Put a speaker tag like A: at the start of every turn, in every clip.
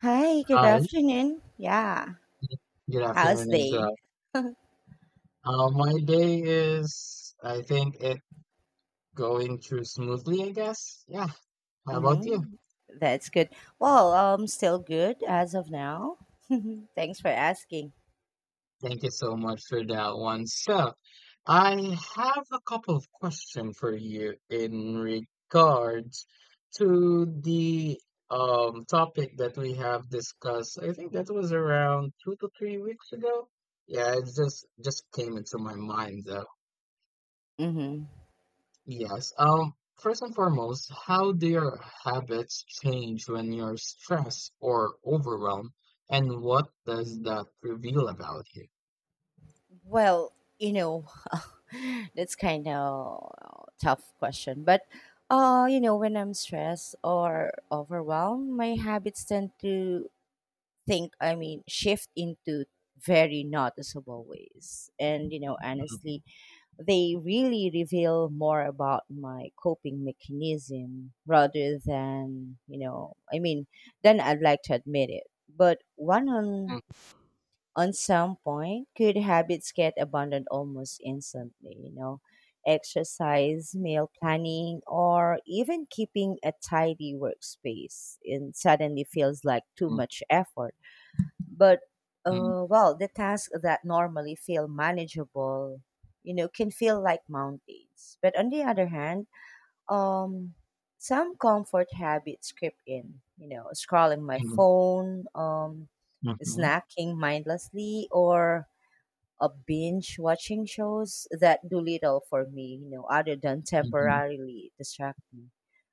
A: Hi, good
B: Hi,
A: afternoon. Yeah,
B: good
A: how's
B: afternoon as
A: day?
B: well. My day is, I think, it going through smoothly, I guess. Yeah, how about you?
A: Mm-hmm. That's good. Well, still good as of now. Thanks for asking.
B: Thank you so much for that one. So, I have a couple of questions for you in regards to the topic that we have discussed. I think that was around 2 to 3 weeks ago. Yeah, it just came into my mind.
A: Mm-hmm.
B: Yes. First and foremost, how do your habits change when you're stressed or overwhelmed, and what does that reveal about you?
A: Well, you know, that's kind of tough question, but when I'm stressed or overwhelmed, my habits tend to I mean, shift into very noticeable ways. And
B: Mm-hmm.
A: honestly, they really reveal more about my coping mechanism rather than I mean then I'd like to admit it, but one on some point good habits get abandoned almost instantly, exercise, meal planning, or even keeping a tidy workspace, and suddenly feels like too much effort. But
B: Mm-hmm.
A: well, the tasks that normally feel manageable, can feel like mountains. But on the other hand, um, some comfort habits creep in. Scrolling my phone,
B: Mm-hmm.
A: snacking mindlessly, or binge watching shows that do little for me, other than
B: Mm-hmm.
A: temporarily distract me.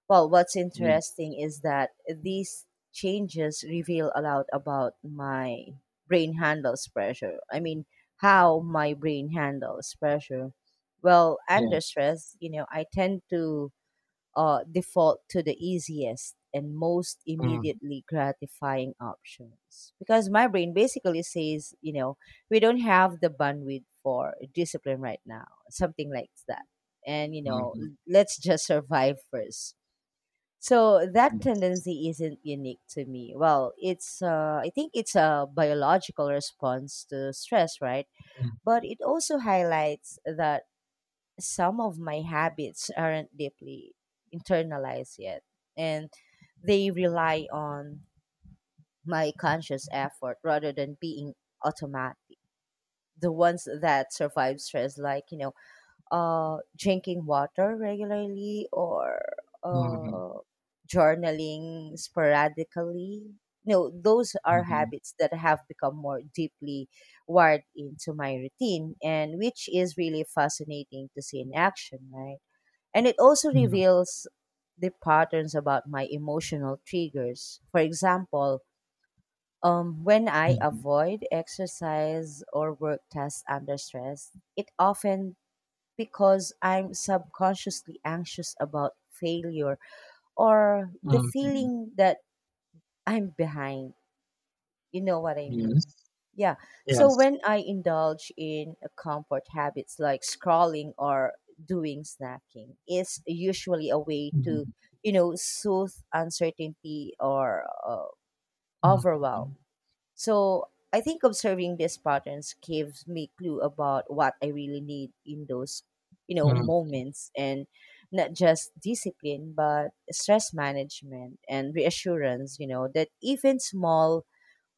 A: Well, what's
B: Yes.
A: interesting is that these changes reveal a lot about my brain handles pressure. I mean, how my brain handles pressure. Well, under
B: Yes.
A: stress, I tend to default to the easiest and most
B: Mm-hmm.
A: immediately gratifying options, because my brain basically says, we don't have the bandwidth for discipline right now, something like that. And,
B: Mm-hmm.
A: let's just survive first. So that
B: Yes.
A: tendency isn't unique to me. Well, it's, I think it's a biological response to stress, right?
B: Mm-hmm.
A: But it also highlights that some of my habits aren't deeply internalized yet, and they rely on my conscious effort rather than being automatic. The ones that survive stress, like drinking water regularly or
B: Mm-hmm.
A: uh journaling sporadically, those are habits that have become more deeply wired into my routine, and which is really fascinating to see in action, right? And it also reveals the patterns about my emotional triggers. For example, when I
B: Mm-hmm.
A: avoid exercise or work tasks under stress, it often because I'm subconsciously anxious about failure, or the
B: Mm-hmm.
A: feeling that I'm behind. You know what I mean?
B: Yes.
A: Yeah. So
B: Yes.
A: when I indulge in a comfort habits like scrolling or doing snacking, it's usually a way to,
B: Mm-hmm.
A: soothe uncertainty or overwhelm.
B: Mm-hmm.
A: So I think observing these patterns gives me clue about what I really need in those, moments, and not just discipline, but stress management and reassurance, that even small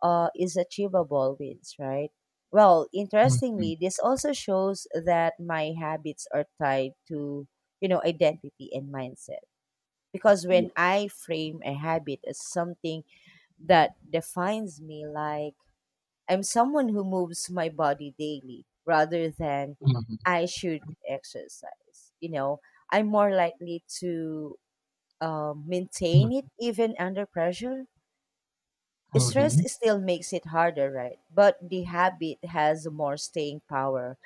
A: is achievable wins, right? Well,
B: Mm-hmm.
A: interestingly, this also shows that my habits are tied to, identity and mindset. Because when
B: Yes.
A: I frame a habit as something that defines me, like I'm someone who moves my body daily rather than
B: Mm-hmm.
A: I should exercise, I'm more likely to maintain it even under pressure. Stress
B: Mm-hmm.
A: still makes it harder, right? But the habit has more staying power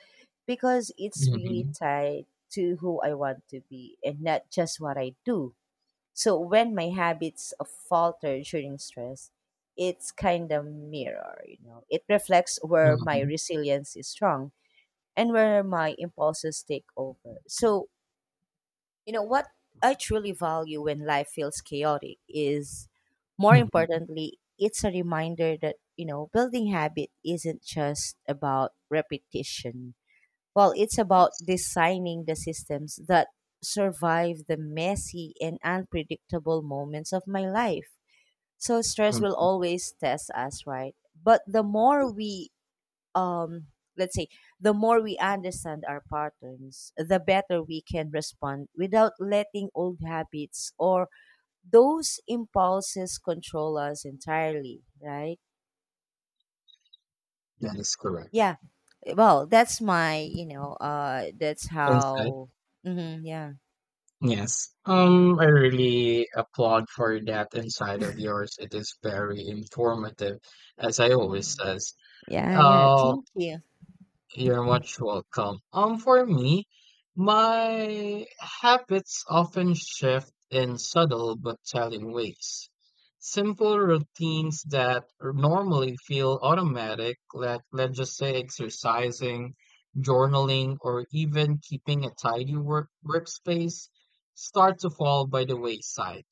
A: because it's really
B: Mm-hmm.
A: tied to who I want to be and not just what I do. So when my habits falter during stress, it's kind of mirror. It reflects where my
B: Mm-hmm.
A: resilience is strong and where my impulses take over. So you know what I truly value when life feels chaotic is, more
B: Mhm.
A: importantly, it's a reminder that, building habit isn't just about repetition. Well, it's about
B: Yes.
A: designing the systems that survive the messy and unpredictable moments of my life. So stress
B: Mm,
A: will always test us, right? But
B: yes.
A: um let's say the more we understand our patterns, the better we can respond without letting old habits or those impulses control us entirely, right?
B: That is correct.
A: Yeah. Well, that's my, that's
B: Insight.
A: how. Yeah.
B: Yes. I really applaud for that insight of yours. It is very informative, as I always says.
A: Yeah, yeah,
B: Um,
A: thank you.
B: You're much welcome. For me, my habits often shift in subtle but telling ways. Simple routines that normally feel automatic, like let's just say exercising, journaling, or even keeping a tidy workspace, start to fall by the wayside.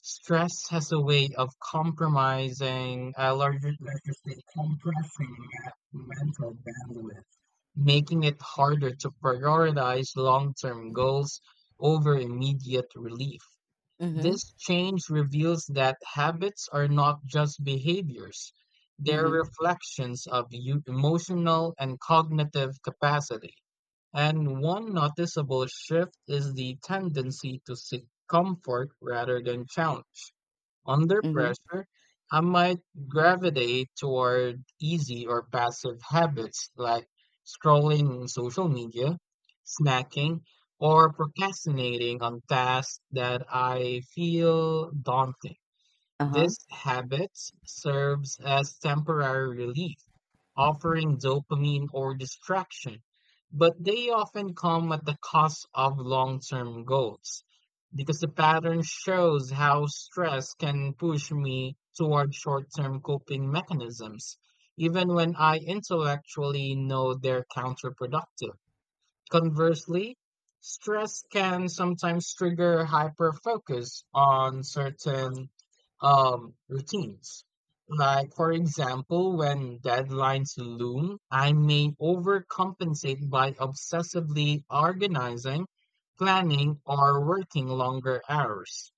B: Stress has a way of compromising, compressing that mental bandwidth, making it harder to prioritize long-term goals over immediate relief.
A: Mm-hmm.
B: This change reveals that habits are not just behaviors, they're
A: Mm-hmm.
B: reflections of emotional and cognitive capacity. And one noticeable shift is the tendency to seek comfort rather than challenge. Under
A: Mm-hmm.
B: pressure, I might gravitate toward easy or passive habits like scrolling on social media, snacking, or procrastinating on tasks that I feel daunting.
A: Uh-huh.
B: This habit serves as temporary relief, offering dopamine or distraction, but they often come at the cost of long term goals because the pattern shows how stress can push me toward short term coping mechanisms, even when I intellectually know they're counterproductive. Conversely, stress can sometimes trigger hyperfocus on certain routines. Like, for example, when deadlines loom, I may overcompensate by obsessively organizing, planning, or working longer hours.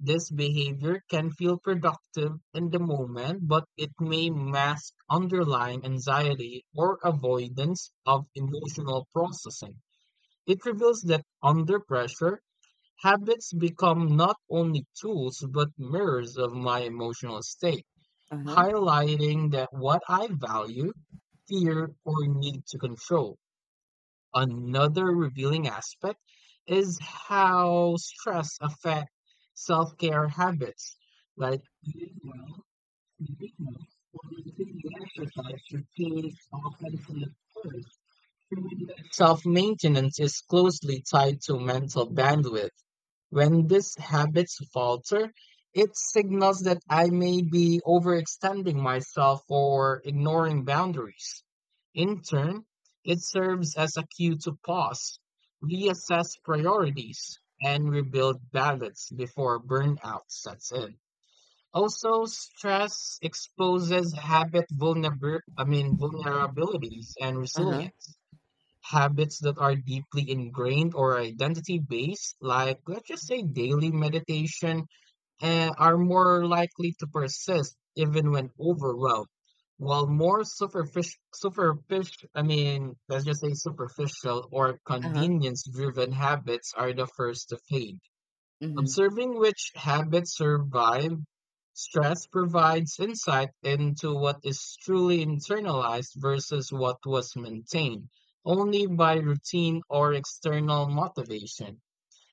B: This behavior can feel productive in the moment, but it may mask underlying anxiety or avoidance of emotional processing. It reveals that under pressure, habits become not only tools but mirrors of my emotional state,
A: Uh-huh.
B: highlighting that what I value, fear, or need to control. Another revealing aspect is how stress affects self-care habits, like eating well, sleeping well, or maintaining exercise routines often from. Self-maintenance is closely tied to mental bandwidth. When these habits falter, it signals that I may be overextending myself or ignoring boundaries. In turn, it serves as a cue to pause, reassess priorities, and rebuild balance before burnout sets in. Also, stress exposes habit vulnerabilities and
A: Uh-huh.
B: resilience. Habits that are deeply ingrained or identity based, like let's just say daily meditation, are more likely to persist even when overwhelmed. While more superficial, superficial, I mean, let's just say superficial or
A: Uh-huh.
B: convenience driven habits are the first to fade.
A: Mm-hmm.
B: Observing which habits survive stress provides insight into what is truly internalized versus what was maintained only by routine or external motivation,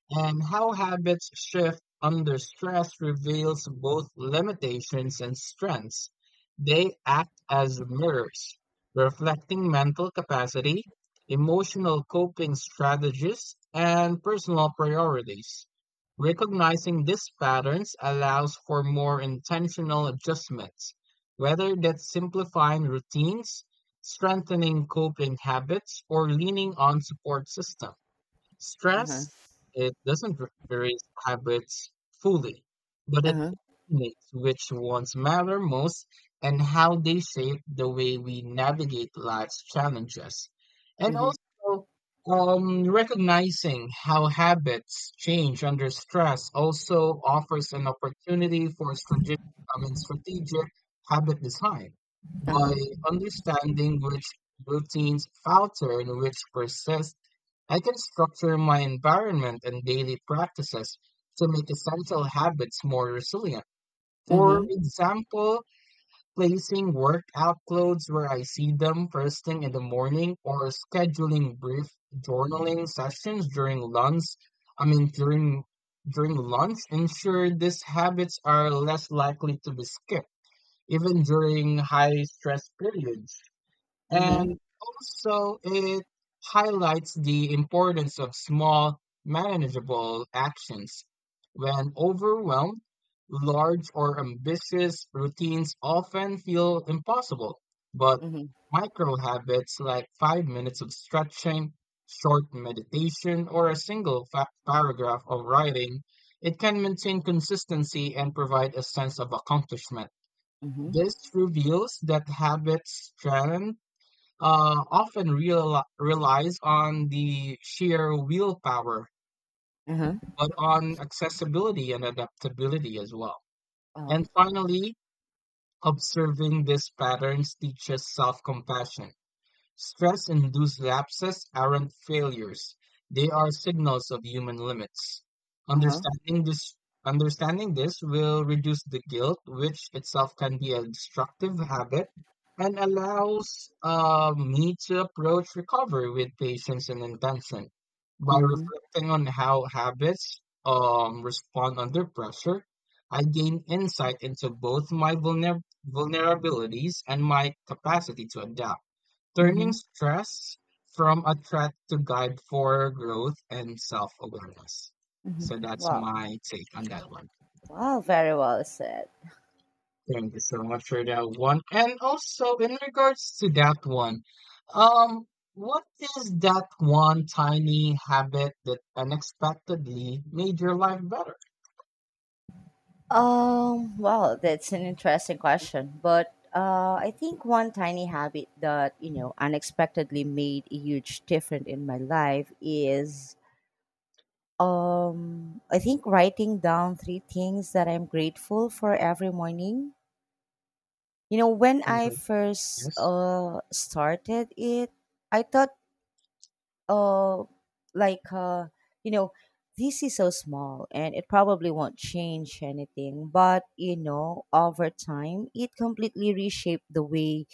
B: and how habits shift under stress reveals both limitations and strengths. They act as mirrors, reflecting mental capacity, emotional coping strategies, and personal priorities. Recognizing these patterns allows for more intentional adjustments, whether that's simplifying routines, strengthening coping habits, or leaning on support systems.
A: Uh-huh.
B: Stress, it doesn't erase habits fully, but it
A: Uh-huh.
B: determines which ones matter most and how they shape the way we navigate life's challenges. And
A: Mm-hmm.
B: also, recognizing how habits change under stress also offers an opportunity for strategic habit design. By
A: Uh-huh.
B: understanding which routines falter and which persist, I can structure my environment and daily practices to make essential habits more resilient. For
A: Mm-hmm.
B: example, placing workout clothes where I see them first thing in the morning or scheduling brief journaling sessions during lunch. I mean during During lunch ensure these habits are less likely to be skipped even during high stress periods.
A: Mm-hmm.
B: And also, it highlights the importance of small, manageable actions. When overwhelmed, large or ambitious routines often feel impossible, but
A: Mm-hmm.
B: micro habits like 5 minutes of stretching, short meditation, or a single paragraph of writing, it can maintain consistency and provide a sense of accomplishment.
A: Mm-hmm,
B: This reveals that habits strengthen relies on the sheer willpower,
A: uh-huh,
B: but on accessibility and adaptability as well.
A: uh-huh,
B: And finally, observing these patterns teaches self compassion. Stress-induced lapses aren't failures. They are signals of human limits.
A: uh-huh.
B: Understanding this Understanding this will reduce the guilt, which itself can be a destructive habit, and allows me to approach recovery with patience and intention. By
A: Mhm,
B: reflecting on how habits respond under pressure, I gain insight into both my vulnerabilities and my capacity to adapt, turning
A: mhm,
B: stress from a threat to guide for growth and self awareness.
A: mhm.
B: So that's
A: Wow,
B: my take on that one.
A: wow, very well said.
B: Thank you so much for that one. And also, in regards to that one, um, what is that one tiny habit that unexpectedly made your life better?
A: Well, that's an interesting question, but I think one tiny habit that unexpectedly made a huge difference in my life is I think writing down three things that I'm grateful for every morning. You know, when I
B: Mhm.
A: first
B: Yes.
A: started it, I thought, uh like uh you know this is so small and it probably won't change anything, but over time it completely reshaped the way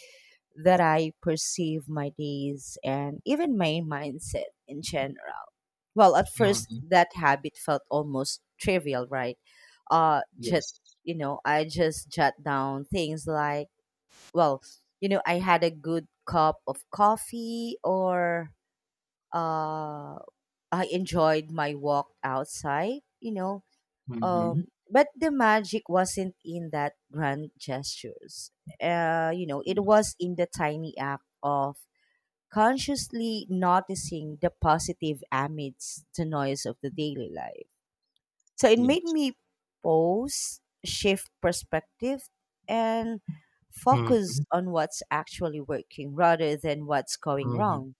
A: that I perceive my days, and even my mindset in general. Well, at first
B: Mm-hmm.
A: that habit felt almost trivial, right? uh just
B: Yes.
A: you know i just jot down things like, well, I had a good cup of coffee, or uh, I enjoyed my walk outside.
B: Mm-hmm.
A: But the magic wasn't in that grand gestures. It was
B: Yes.
A: in the tiny act of consciously noticing the positive amidst the noise of the daily life. So it made
B: Yes.
A: me pause, shift perspective, and focus
B: Mm-hmm.
A: on what's actually working rather than what's going
B: Mm-hmm.
A: wrong.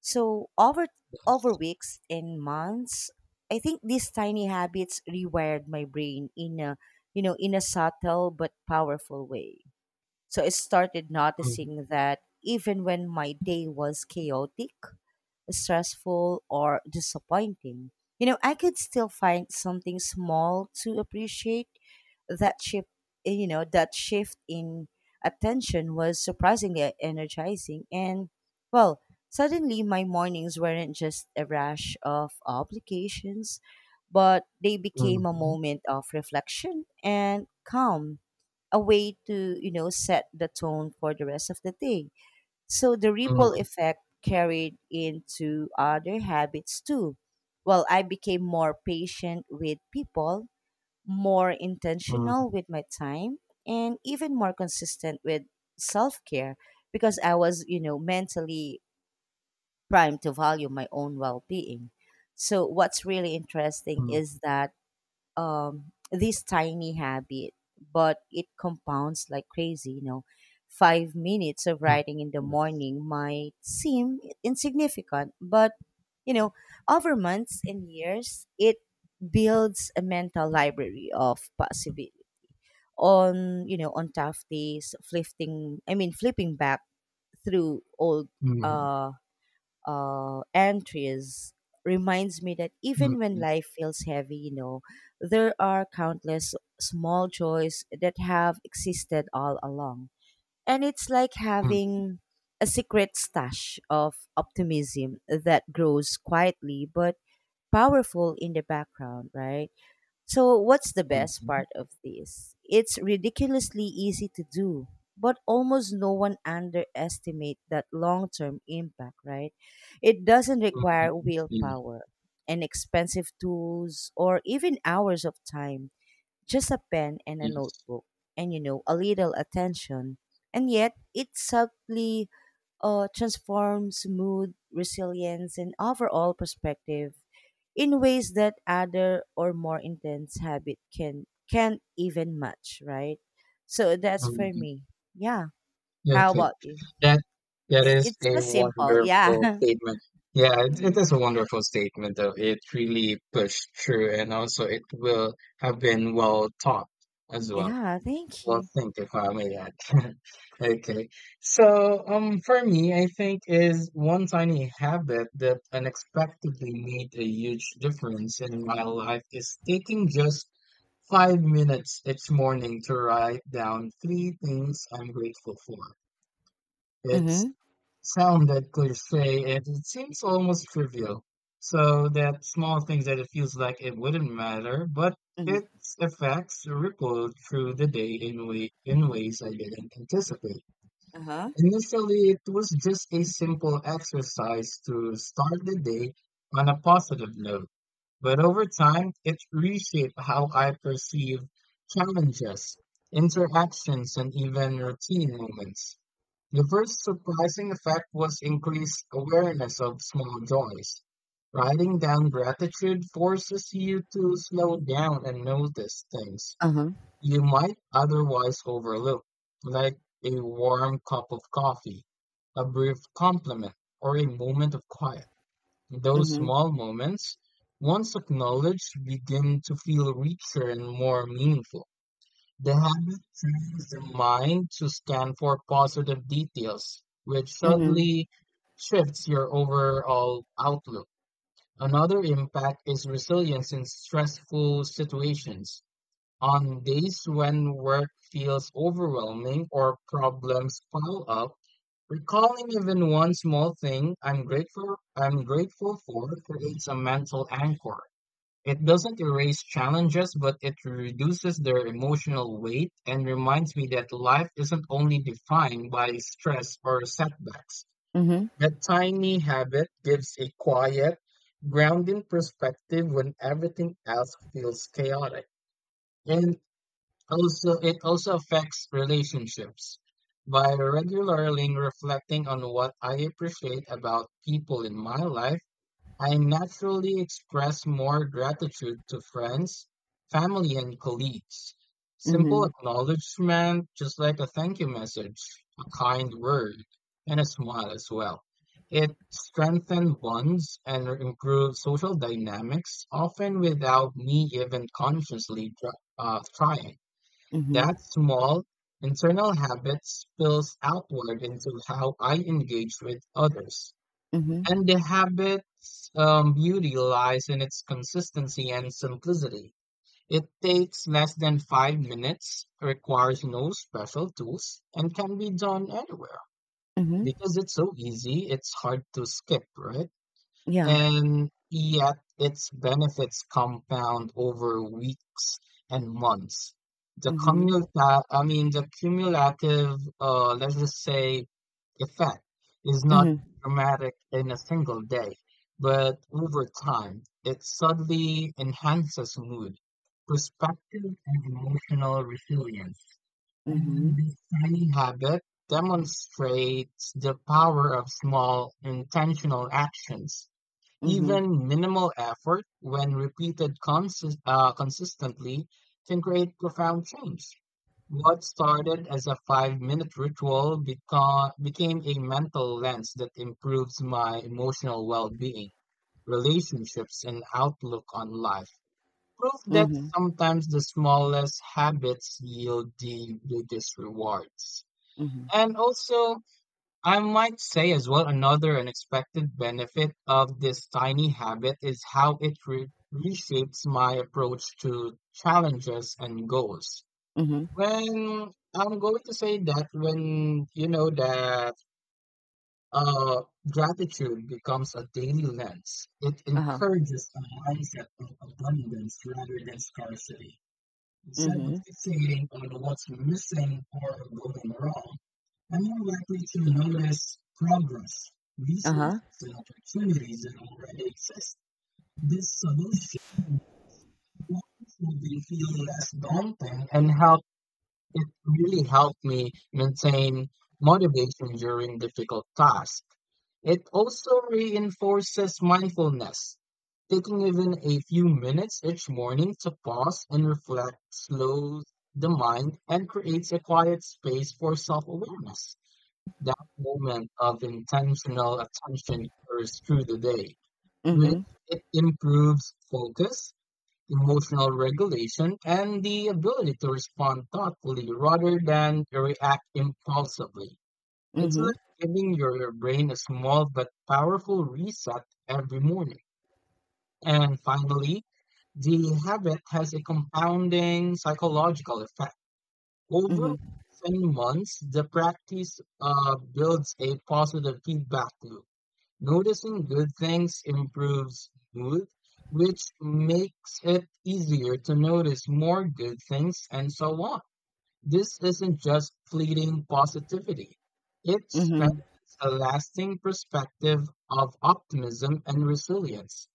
A: So over
B: Yes.
A: weeks and months, I think these tiny habits rewired my brain in a, in a subtle but powerful way. So I started
B: Mm-hmm.
A: noticing that even when my day was chaotic, stressful, or disappointing, I could still find something small to appreciate. That shift, that shift in attention was surprisingly energizing. And, well, suddenly my mornings weren't just a rash of obligations, but they became a
B: Mm-hmm.
A: moment of reflection and calm, a way to, set the tone for the rest of the day. So the ripple
B: Mm-hmm.
A: effect carried into other habits too. Well, I became more patient with people, more
B: Mm-hmm.
A: intentional with my time, and even more consistent with self care, because I was, mentally primed to value my own well being. So, what's really interesting is
B: Mm-hmm.
A: that, this tiny habit, but it compounds like crazy. 5 minutes of
B: Mm,
A: writing in the
B: yes.
A: morning might seem insignificant, but you know, over months and years, it builds a mental library of possibility. On tough days, flipping I mean, flipping back through old
B: Mhm,
A: uh, entries reminds me that even when
B: mhm,
A: life feels heavy, there are countless small joys that have existed all along. And it's like
B: mhm,
A: having a secret stash of optimism that grows quietly but powerful in the background, right? So, what's the best
B: mhm,
A: part of this? It's ridiculously easy to do, but almost no one underestimate that long-term impact, right? It doesn't require
B: mhm. Yeah,
A: willpower and expensive tools or even hours of time, just a pen and a
B: yes.
A: notebook and a little attention, and yet it subtly transforms mood, resilience, and overall perspective in ways that other or more intense habit can't even match, right? So that's for
B: Mhm.
A: me. Yeah.
B: Yeah,
A: How
B: okay.
A: about you?
B: That that is
A: It's
B: a
A: just simple, yeah.
B: wonderful statement. Yeah, it is a
A: Mm.
B: wonderful statement though. It really pushed through and also it will have been well taught as well.
A: Yeah, thank
B: Well,
A: you.
B: thank you, if I may add. Okay. So, for me, I think is one tiny habit that unexpectedly made a huge difference in my life is taking just 5 minutes each morning to write down three things I'm grateful for. It's
A: Mm-hmm,
B: sounded cliche and it seems almost trivial. So that small things that it feels like it wouldn't matter, but
A: mm-hmm.
B: its effects rippled through the day in ways I didn't anticipate.
A: Uh-huh.
B: Initially, it was just a simple exercise to start the day on a positive note, but over time, it reshaped how I perceive challenges, interactions, and even routine moments. The first surprising effect was increased awareness of small joys. Writing down gratitude forces you to slow down and notice things
A: Uh-huh.
B: you might otherwise overlook, like a warm cup of coffee, a brief compliment, or a moment of quiet. Those
A: Mm-hmm,
B: small moments, once acknowledged, begin to feel richer and more meaningful. The habit trains the mind to scan for positive details, which
A: mm-hmm,
B: subtly shifts your overall outlook. Another impact is resilience in stressful situations. On days when work feels overwhelming or problems pile up, recalling even one small thing I'm grateful for creates a mental anchor. It doesn't erase challenges, but it reduces their emotional weight and reminds me that life isn't only defined by stress or setbacks. That tiny habit gives a quiet, grounding perspective when everything else feels chaotic. And also, it also affects relationships. By regularly reflecting on what I appreciate about people in my life, I naturally express more gratitude to friends, family, and colleagues. Simple
A: mm-hmm,
B: acknowledgement, just like a thank you message, a kind word, and a smile as well. It strengthens bonds and improves social dynamics, often without me even consciously trying.
A: mm-hmm.
B: That small internal habit spills outward into how I engage with others.
A: Mhm,
B: And the habit's beauty lies in its consistency and simplicity. It takes less than 5 minutes, requires no special tools, and can be done anywhere.
A: mhm,
B: Because it's so easy, it's hard to skip, right?
A: yeah,
B: And yet its benefits compound over weeks and months. The
A: mhm,
B: cumulative, effect is not
A: mhm,
B: dramatic in a single day, but over time, it subtly enhances mood, perspective, and emotional resilience. And
A: mhm,
B: this tiny habit demonstrates the power of small intentional actions,
A: mhm,
B: even minimal effort, when repeated consistently, can create profound change. What started as a 5 minute ritual became a mental lens that improves my emotional well being, relationships, and outlook on life. Proof that
A: mhm,
B: sometimes the smallest habits yield the biggest rewards.
A: mhm,
B: And also, I might say as well another unexpected benefit of this tiny habit is how it reshapes my approach to challenges and goals.
A: mhm,
B: When I'm going to say that when you know that uh, gratitude becomes a daily lens, it
A: uh-huh,
B: encourages a mindset of abundance rather than scarcity. Instead of
A: mhm,
B: fixating on what's missing or going wrong, are more likely to notice progress,
A: uh-huh,
B: resources, and opportunities that already exist. This solution will be feel less daunting and help it really helped me maintain motivation during difficult tasks. It also reinforces mindfulness. Taking even a few minutes each morning to pause and reflect slows the mind and creates a quiet space for self awareness. That moment of intentional attention carries through the day, which
A: mhm,
B: it improves focus, emotional regulation, and the ability to respond thoughtfully rather than react impulsively. It's like
A: mhm,
B: giving your brain a small but powerful reset every morning. And finally, the habit has a compounding psychological effect. Over
A: mhm,
B: 10 months, the practice builds a positive feedback loop. Noticing good things improves mood, which makes it easier to notice more good things and so on. This isn't just fleeting positivity. It
A: mhm,
B: strengthens a lasting perspective of optimism and resilience.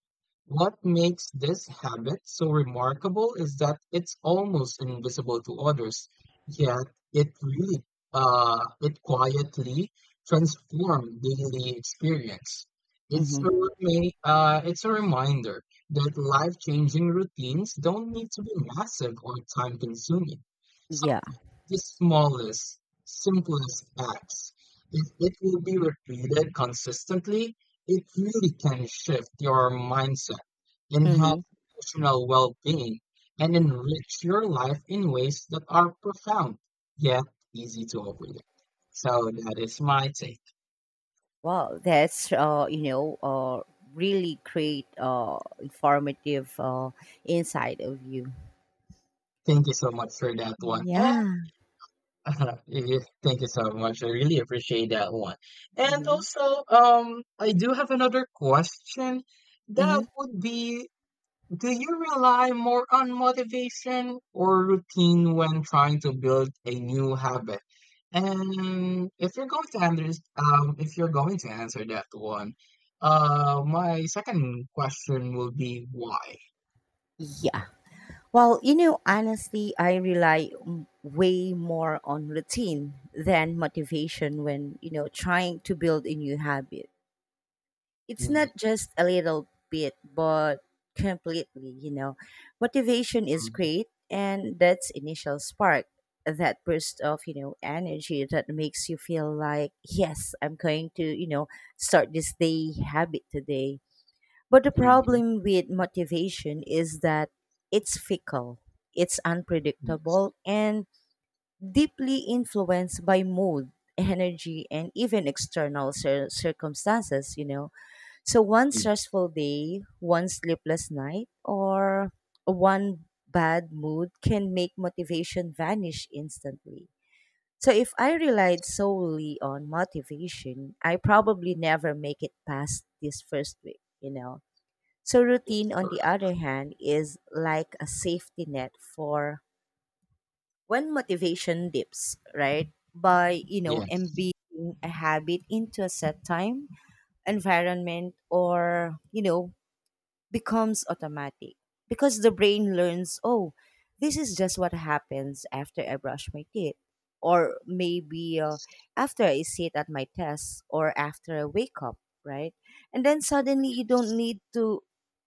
B: What makes this habit so remarkable is that it's almost invisible to others, yet it really it quietly transforms daily experience.
A: mhm,
B: It's a reminder that life-changing routines don't need to be massive or time-consuming.
A: yeah,
B: The smallest, simplest acts, if it will be repeated consistently, it really can shift your mindset,
A: mhm.
B: enhance emotional well being, and enrich your life in ways that are profound, yet easy to overlook. So that is my take.
A: Wow, that's, really great, informative, insight of you.
B: Thank you so much for that one.
A: Yeah.
B: And yeah, thank you so much. I really appreciate that one. And
A: Mhm,
B: also, I do have another question that
A: mhm,
B: would be, do you rely more on motivation or routine when trying to build a new habit? And if you're going to answer, if you're going to answer that one, my second question will be why?
A: yeah. Well, honestly, I rely way more on routine than motivation when, trying to build a new habit. It's
B: Mhm,
A: not just a little bit, but completely, you know. Motivation is great, and that's initial spark, that burst of, energy that makes you feel like, yes, I'm going to, start this day habit today. But the
B: mhm,
A: problem with motivation is that it's fickle, it's
B: mhm. Yes,
A: unpredictable, and deeply influenced by mood, energy, and even external circumstances. So, one
B: yes,
A: stressful day, one sleepless night, or one bad mood can make motivation vanish instantly. So, if I relied solely on motivation, I probably never make it past this first week, so,
B: that is
A: routine, on
B: correct.
A: the other hand, is like a safety net for when motivation dips, right? By,
B: Yes,
A: embedding a habit into a set time, environment, or, becomes automatic because the brain learns, oh, this is just what happens after I brush my teeth, or maybe after I sit at my desk, or after I wake up, right? And then suddenly you don't
B: yes.
A: need to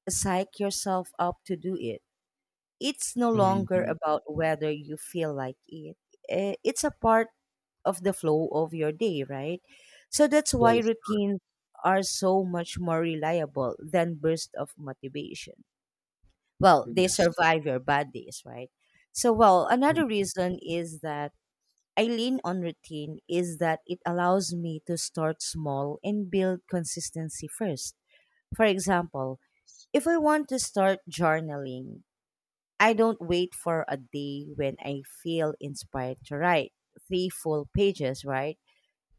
A: psych yourself up to do it. It's no longer
B: Mhm.
A: about whether you feel like it. It's a part of the flow of your day, right? So that's
B: That
A: why
B: is correct.
A: routines are so much more reliable than bursts of motivation. Well, they
B: Yes.
A: survive your bad days, right? So, well, another reason is that I lean on routine is that it allows me to start small and build consistency first. For example, if I want to start journaling, I don't wait for a day when I feel inspired to write three full pages, right?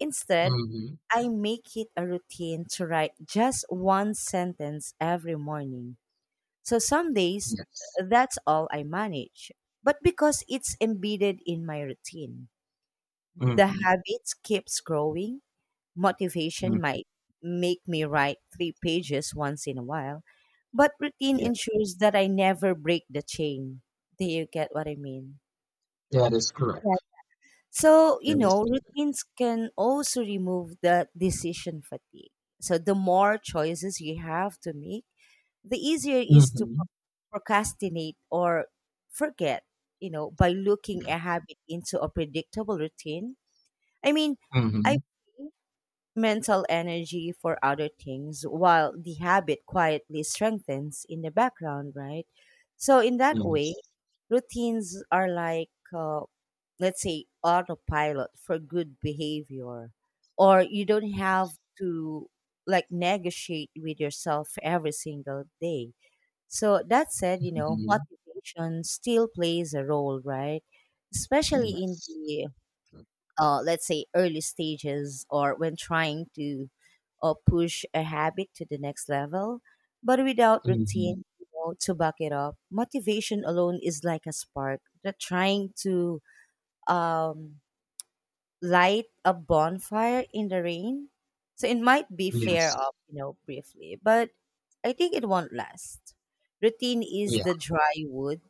A: Instead,
B: Mm-hmm.
A: I make it a routine to write just one sentence every morning. So some days,
B: Yes.
A: that's all I manage. But because it's embedded in my routine, the
B: Mm-hmm.
A: habit keeps growing. Motivation
B: Mm-hmm.
A: might make me write three pages once in a while, but routine
B: Yeah,
A: ensures that I never break the chain. Do you get what I mean?
B: that is
A: Yeah.
B: correct.
A: So,
B: That is.
A: routines can also remove the decision fatigue. So, the more choices you have to make, the easier it is to
B: Mm-hmm.
A: procrastinate or forget, by looking a habit into a predictable routine. I mean, I
B: Mhm.
A: mental energy for other things while the habit quietly strengthens in the background, right? So, in that way,
B: Yes.
A: routines are like, let's say, autopilot for good behavior, or you don't have to like negotiate with yourself every single day. So, that said,
B: Mhm.
A: motivation still plays a role, right? Especially in
B: Yes.
A: the let's say early stages, or when trying to push a habit to the next level. But without
B: Mhm.
A: routine, to back it up, motivation alone is like a spark that trying to um, light a bonfire in the rain. So it might be flare
B: Yes.
A: up, briefly, but I think it won't last. Routine is
B: Yeah.
A: the dry wood,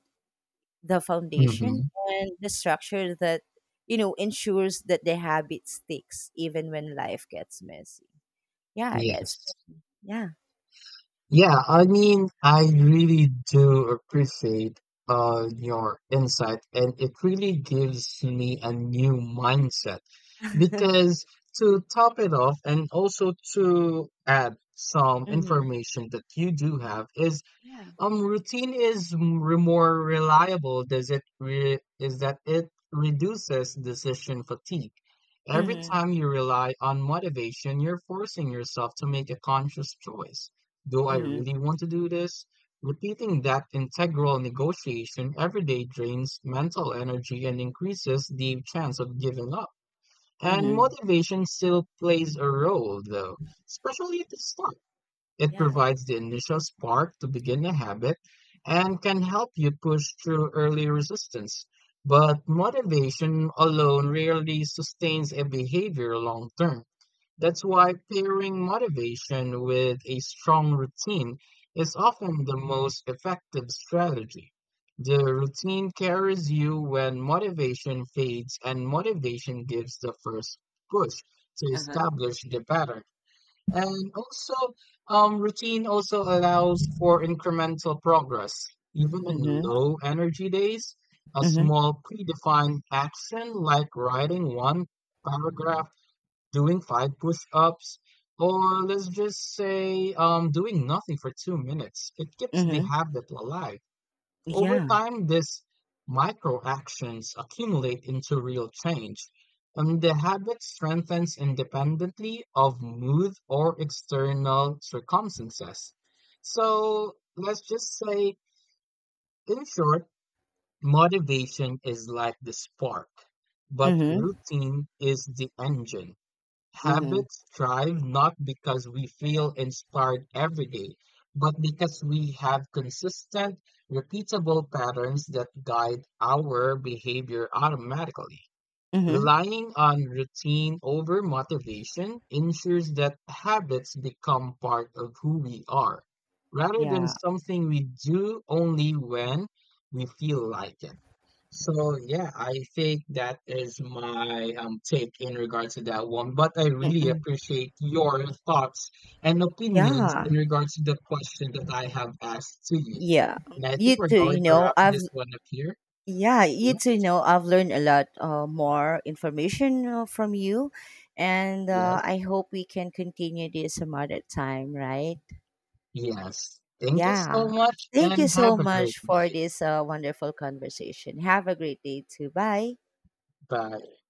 A: the foundation,
B: Mhm.
A: and the structure that ensures that the habit sticks even when life gets messy. Yeah, that's,
B: Yes.
A: yeah.
B: Yeah, I mean, I really do appreciate your insight and it really gives me a new mindset, because to top it off and also to add some
A: Mm-hmm.
B: information that you do have is,
A: Yeah.
B: Routine is more reliable. Is that it reduces decision fatigue. Every
A: Mm-hmm.
B: time you rely on motivation, you're forcing yourself to make a conscious choice. Do I
A: Mm-hmm.
B: really want to do this? Repeating that integral negotiation every day drains mental energy and increases the chance of giving up. And
A: Mm-hmm.
B: motivation still plays a role, though, especially at the start. It
A: Yeah,
B: provides the initial spark to begin a habit and can help you push through early resistance. But motivation alone rarely sustains a behavior long term. That's why pairing motivation with a strong routine is often the most effective strategy. The routine carries you when motivation fades, and motivation gives the first push to
A: yeah. Uh-huh.
B: establish the pattern. And also, routine also allows for incremental progress. Even on
A: Mm-hmm.
B: low energy days, a
A: Mm-hmm.
B: small predefined action like writing one paragraph, doing 5 push ups, or let's just say doing nothing for 2 minutes, it keeps the
A: Mm-hmm.
B: habit alive. Over
A: Yeah.
B: time, these micro actions accumulate into real change, and the habit strengthens independently of mood or external circumstances. So let's just say, in short, motivation is like the spark, but
A: Mm-hmm.
B: routine is the engine.
A: Mm-hmm.
B: Habits thrive not because we feel inspired every day, but because we have consistent, repeatable patterns that guide our behavior automatically.
A: Mm-hmm.
B: Relying on routine over motivation ensures that habits become part of who we are, rather than
A: Yeah.
B: something we do only when we feel like it. So yeah, I think that is my take in regards to that one. But I really
A: Mm-mm.
B: appreciate your thoughts and opinions
A: Yeah,
B: in regards to the question that I have asked to you.
A: yeah.
B: And I think
A: you
B: we're
A: too
B: going
A: you
B: to
A: know
B: wrap
A: I've
B: this one up here.
A: Yeah, you too
B: Yes,
A: know I've learned a lot, more information, from you, and
B: yes,
A: I hope we can continue this some other time, right?
B: yes. Thank you so
A: Yeah.
B: much
A: Thank
B: and
A: you so
B: have a great
A: much for
B: day.
A: this wonderful conversation. Have a great day too. Bye.
B: Bye.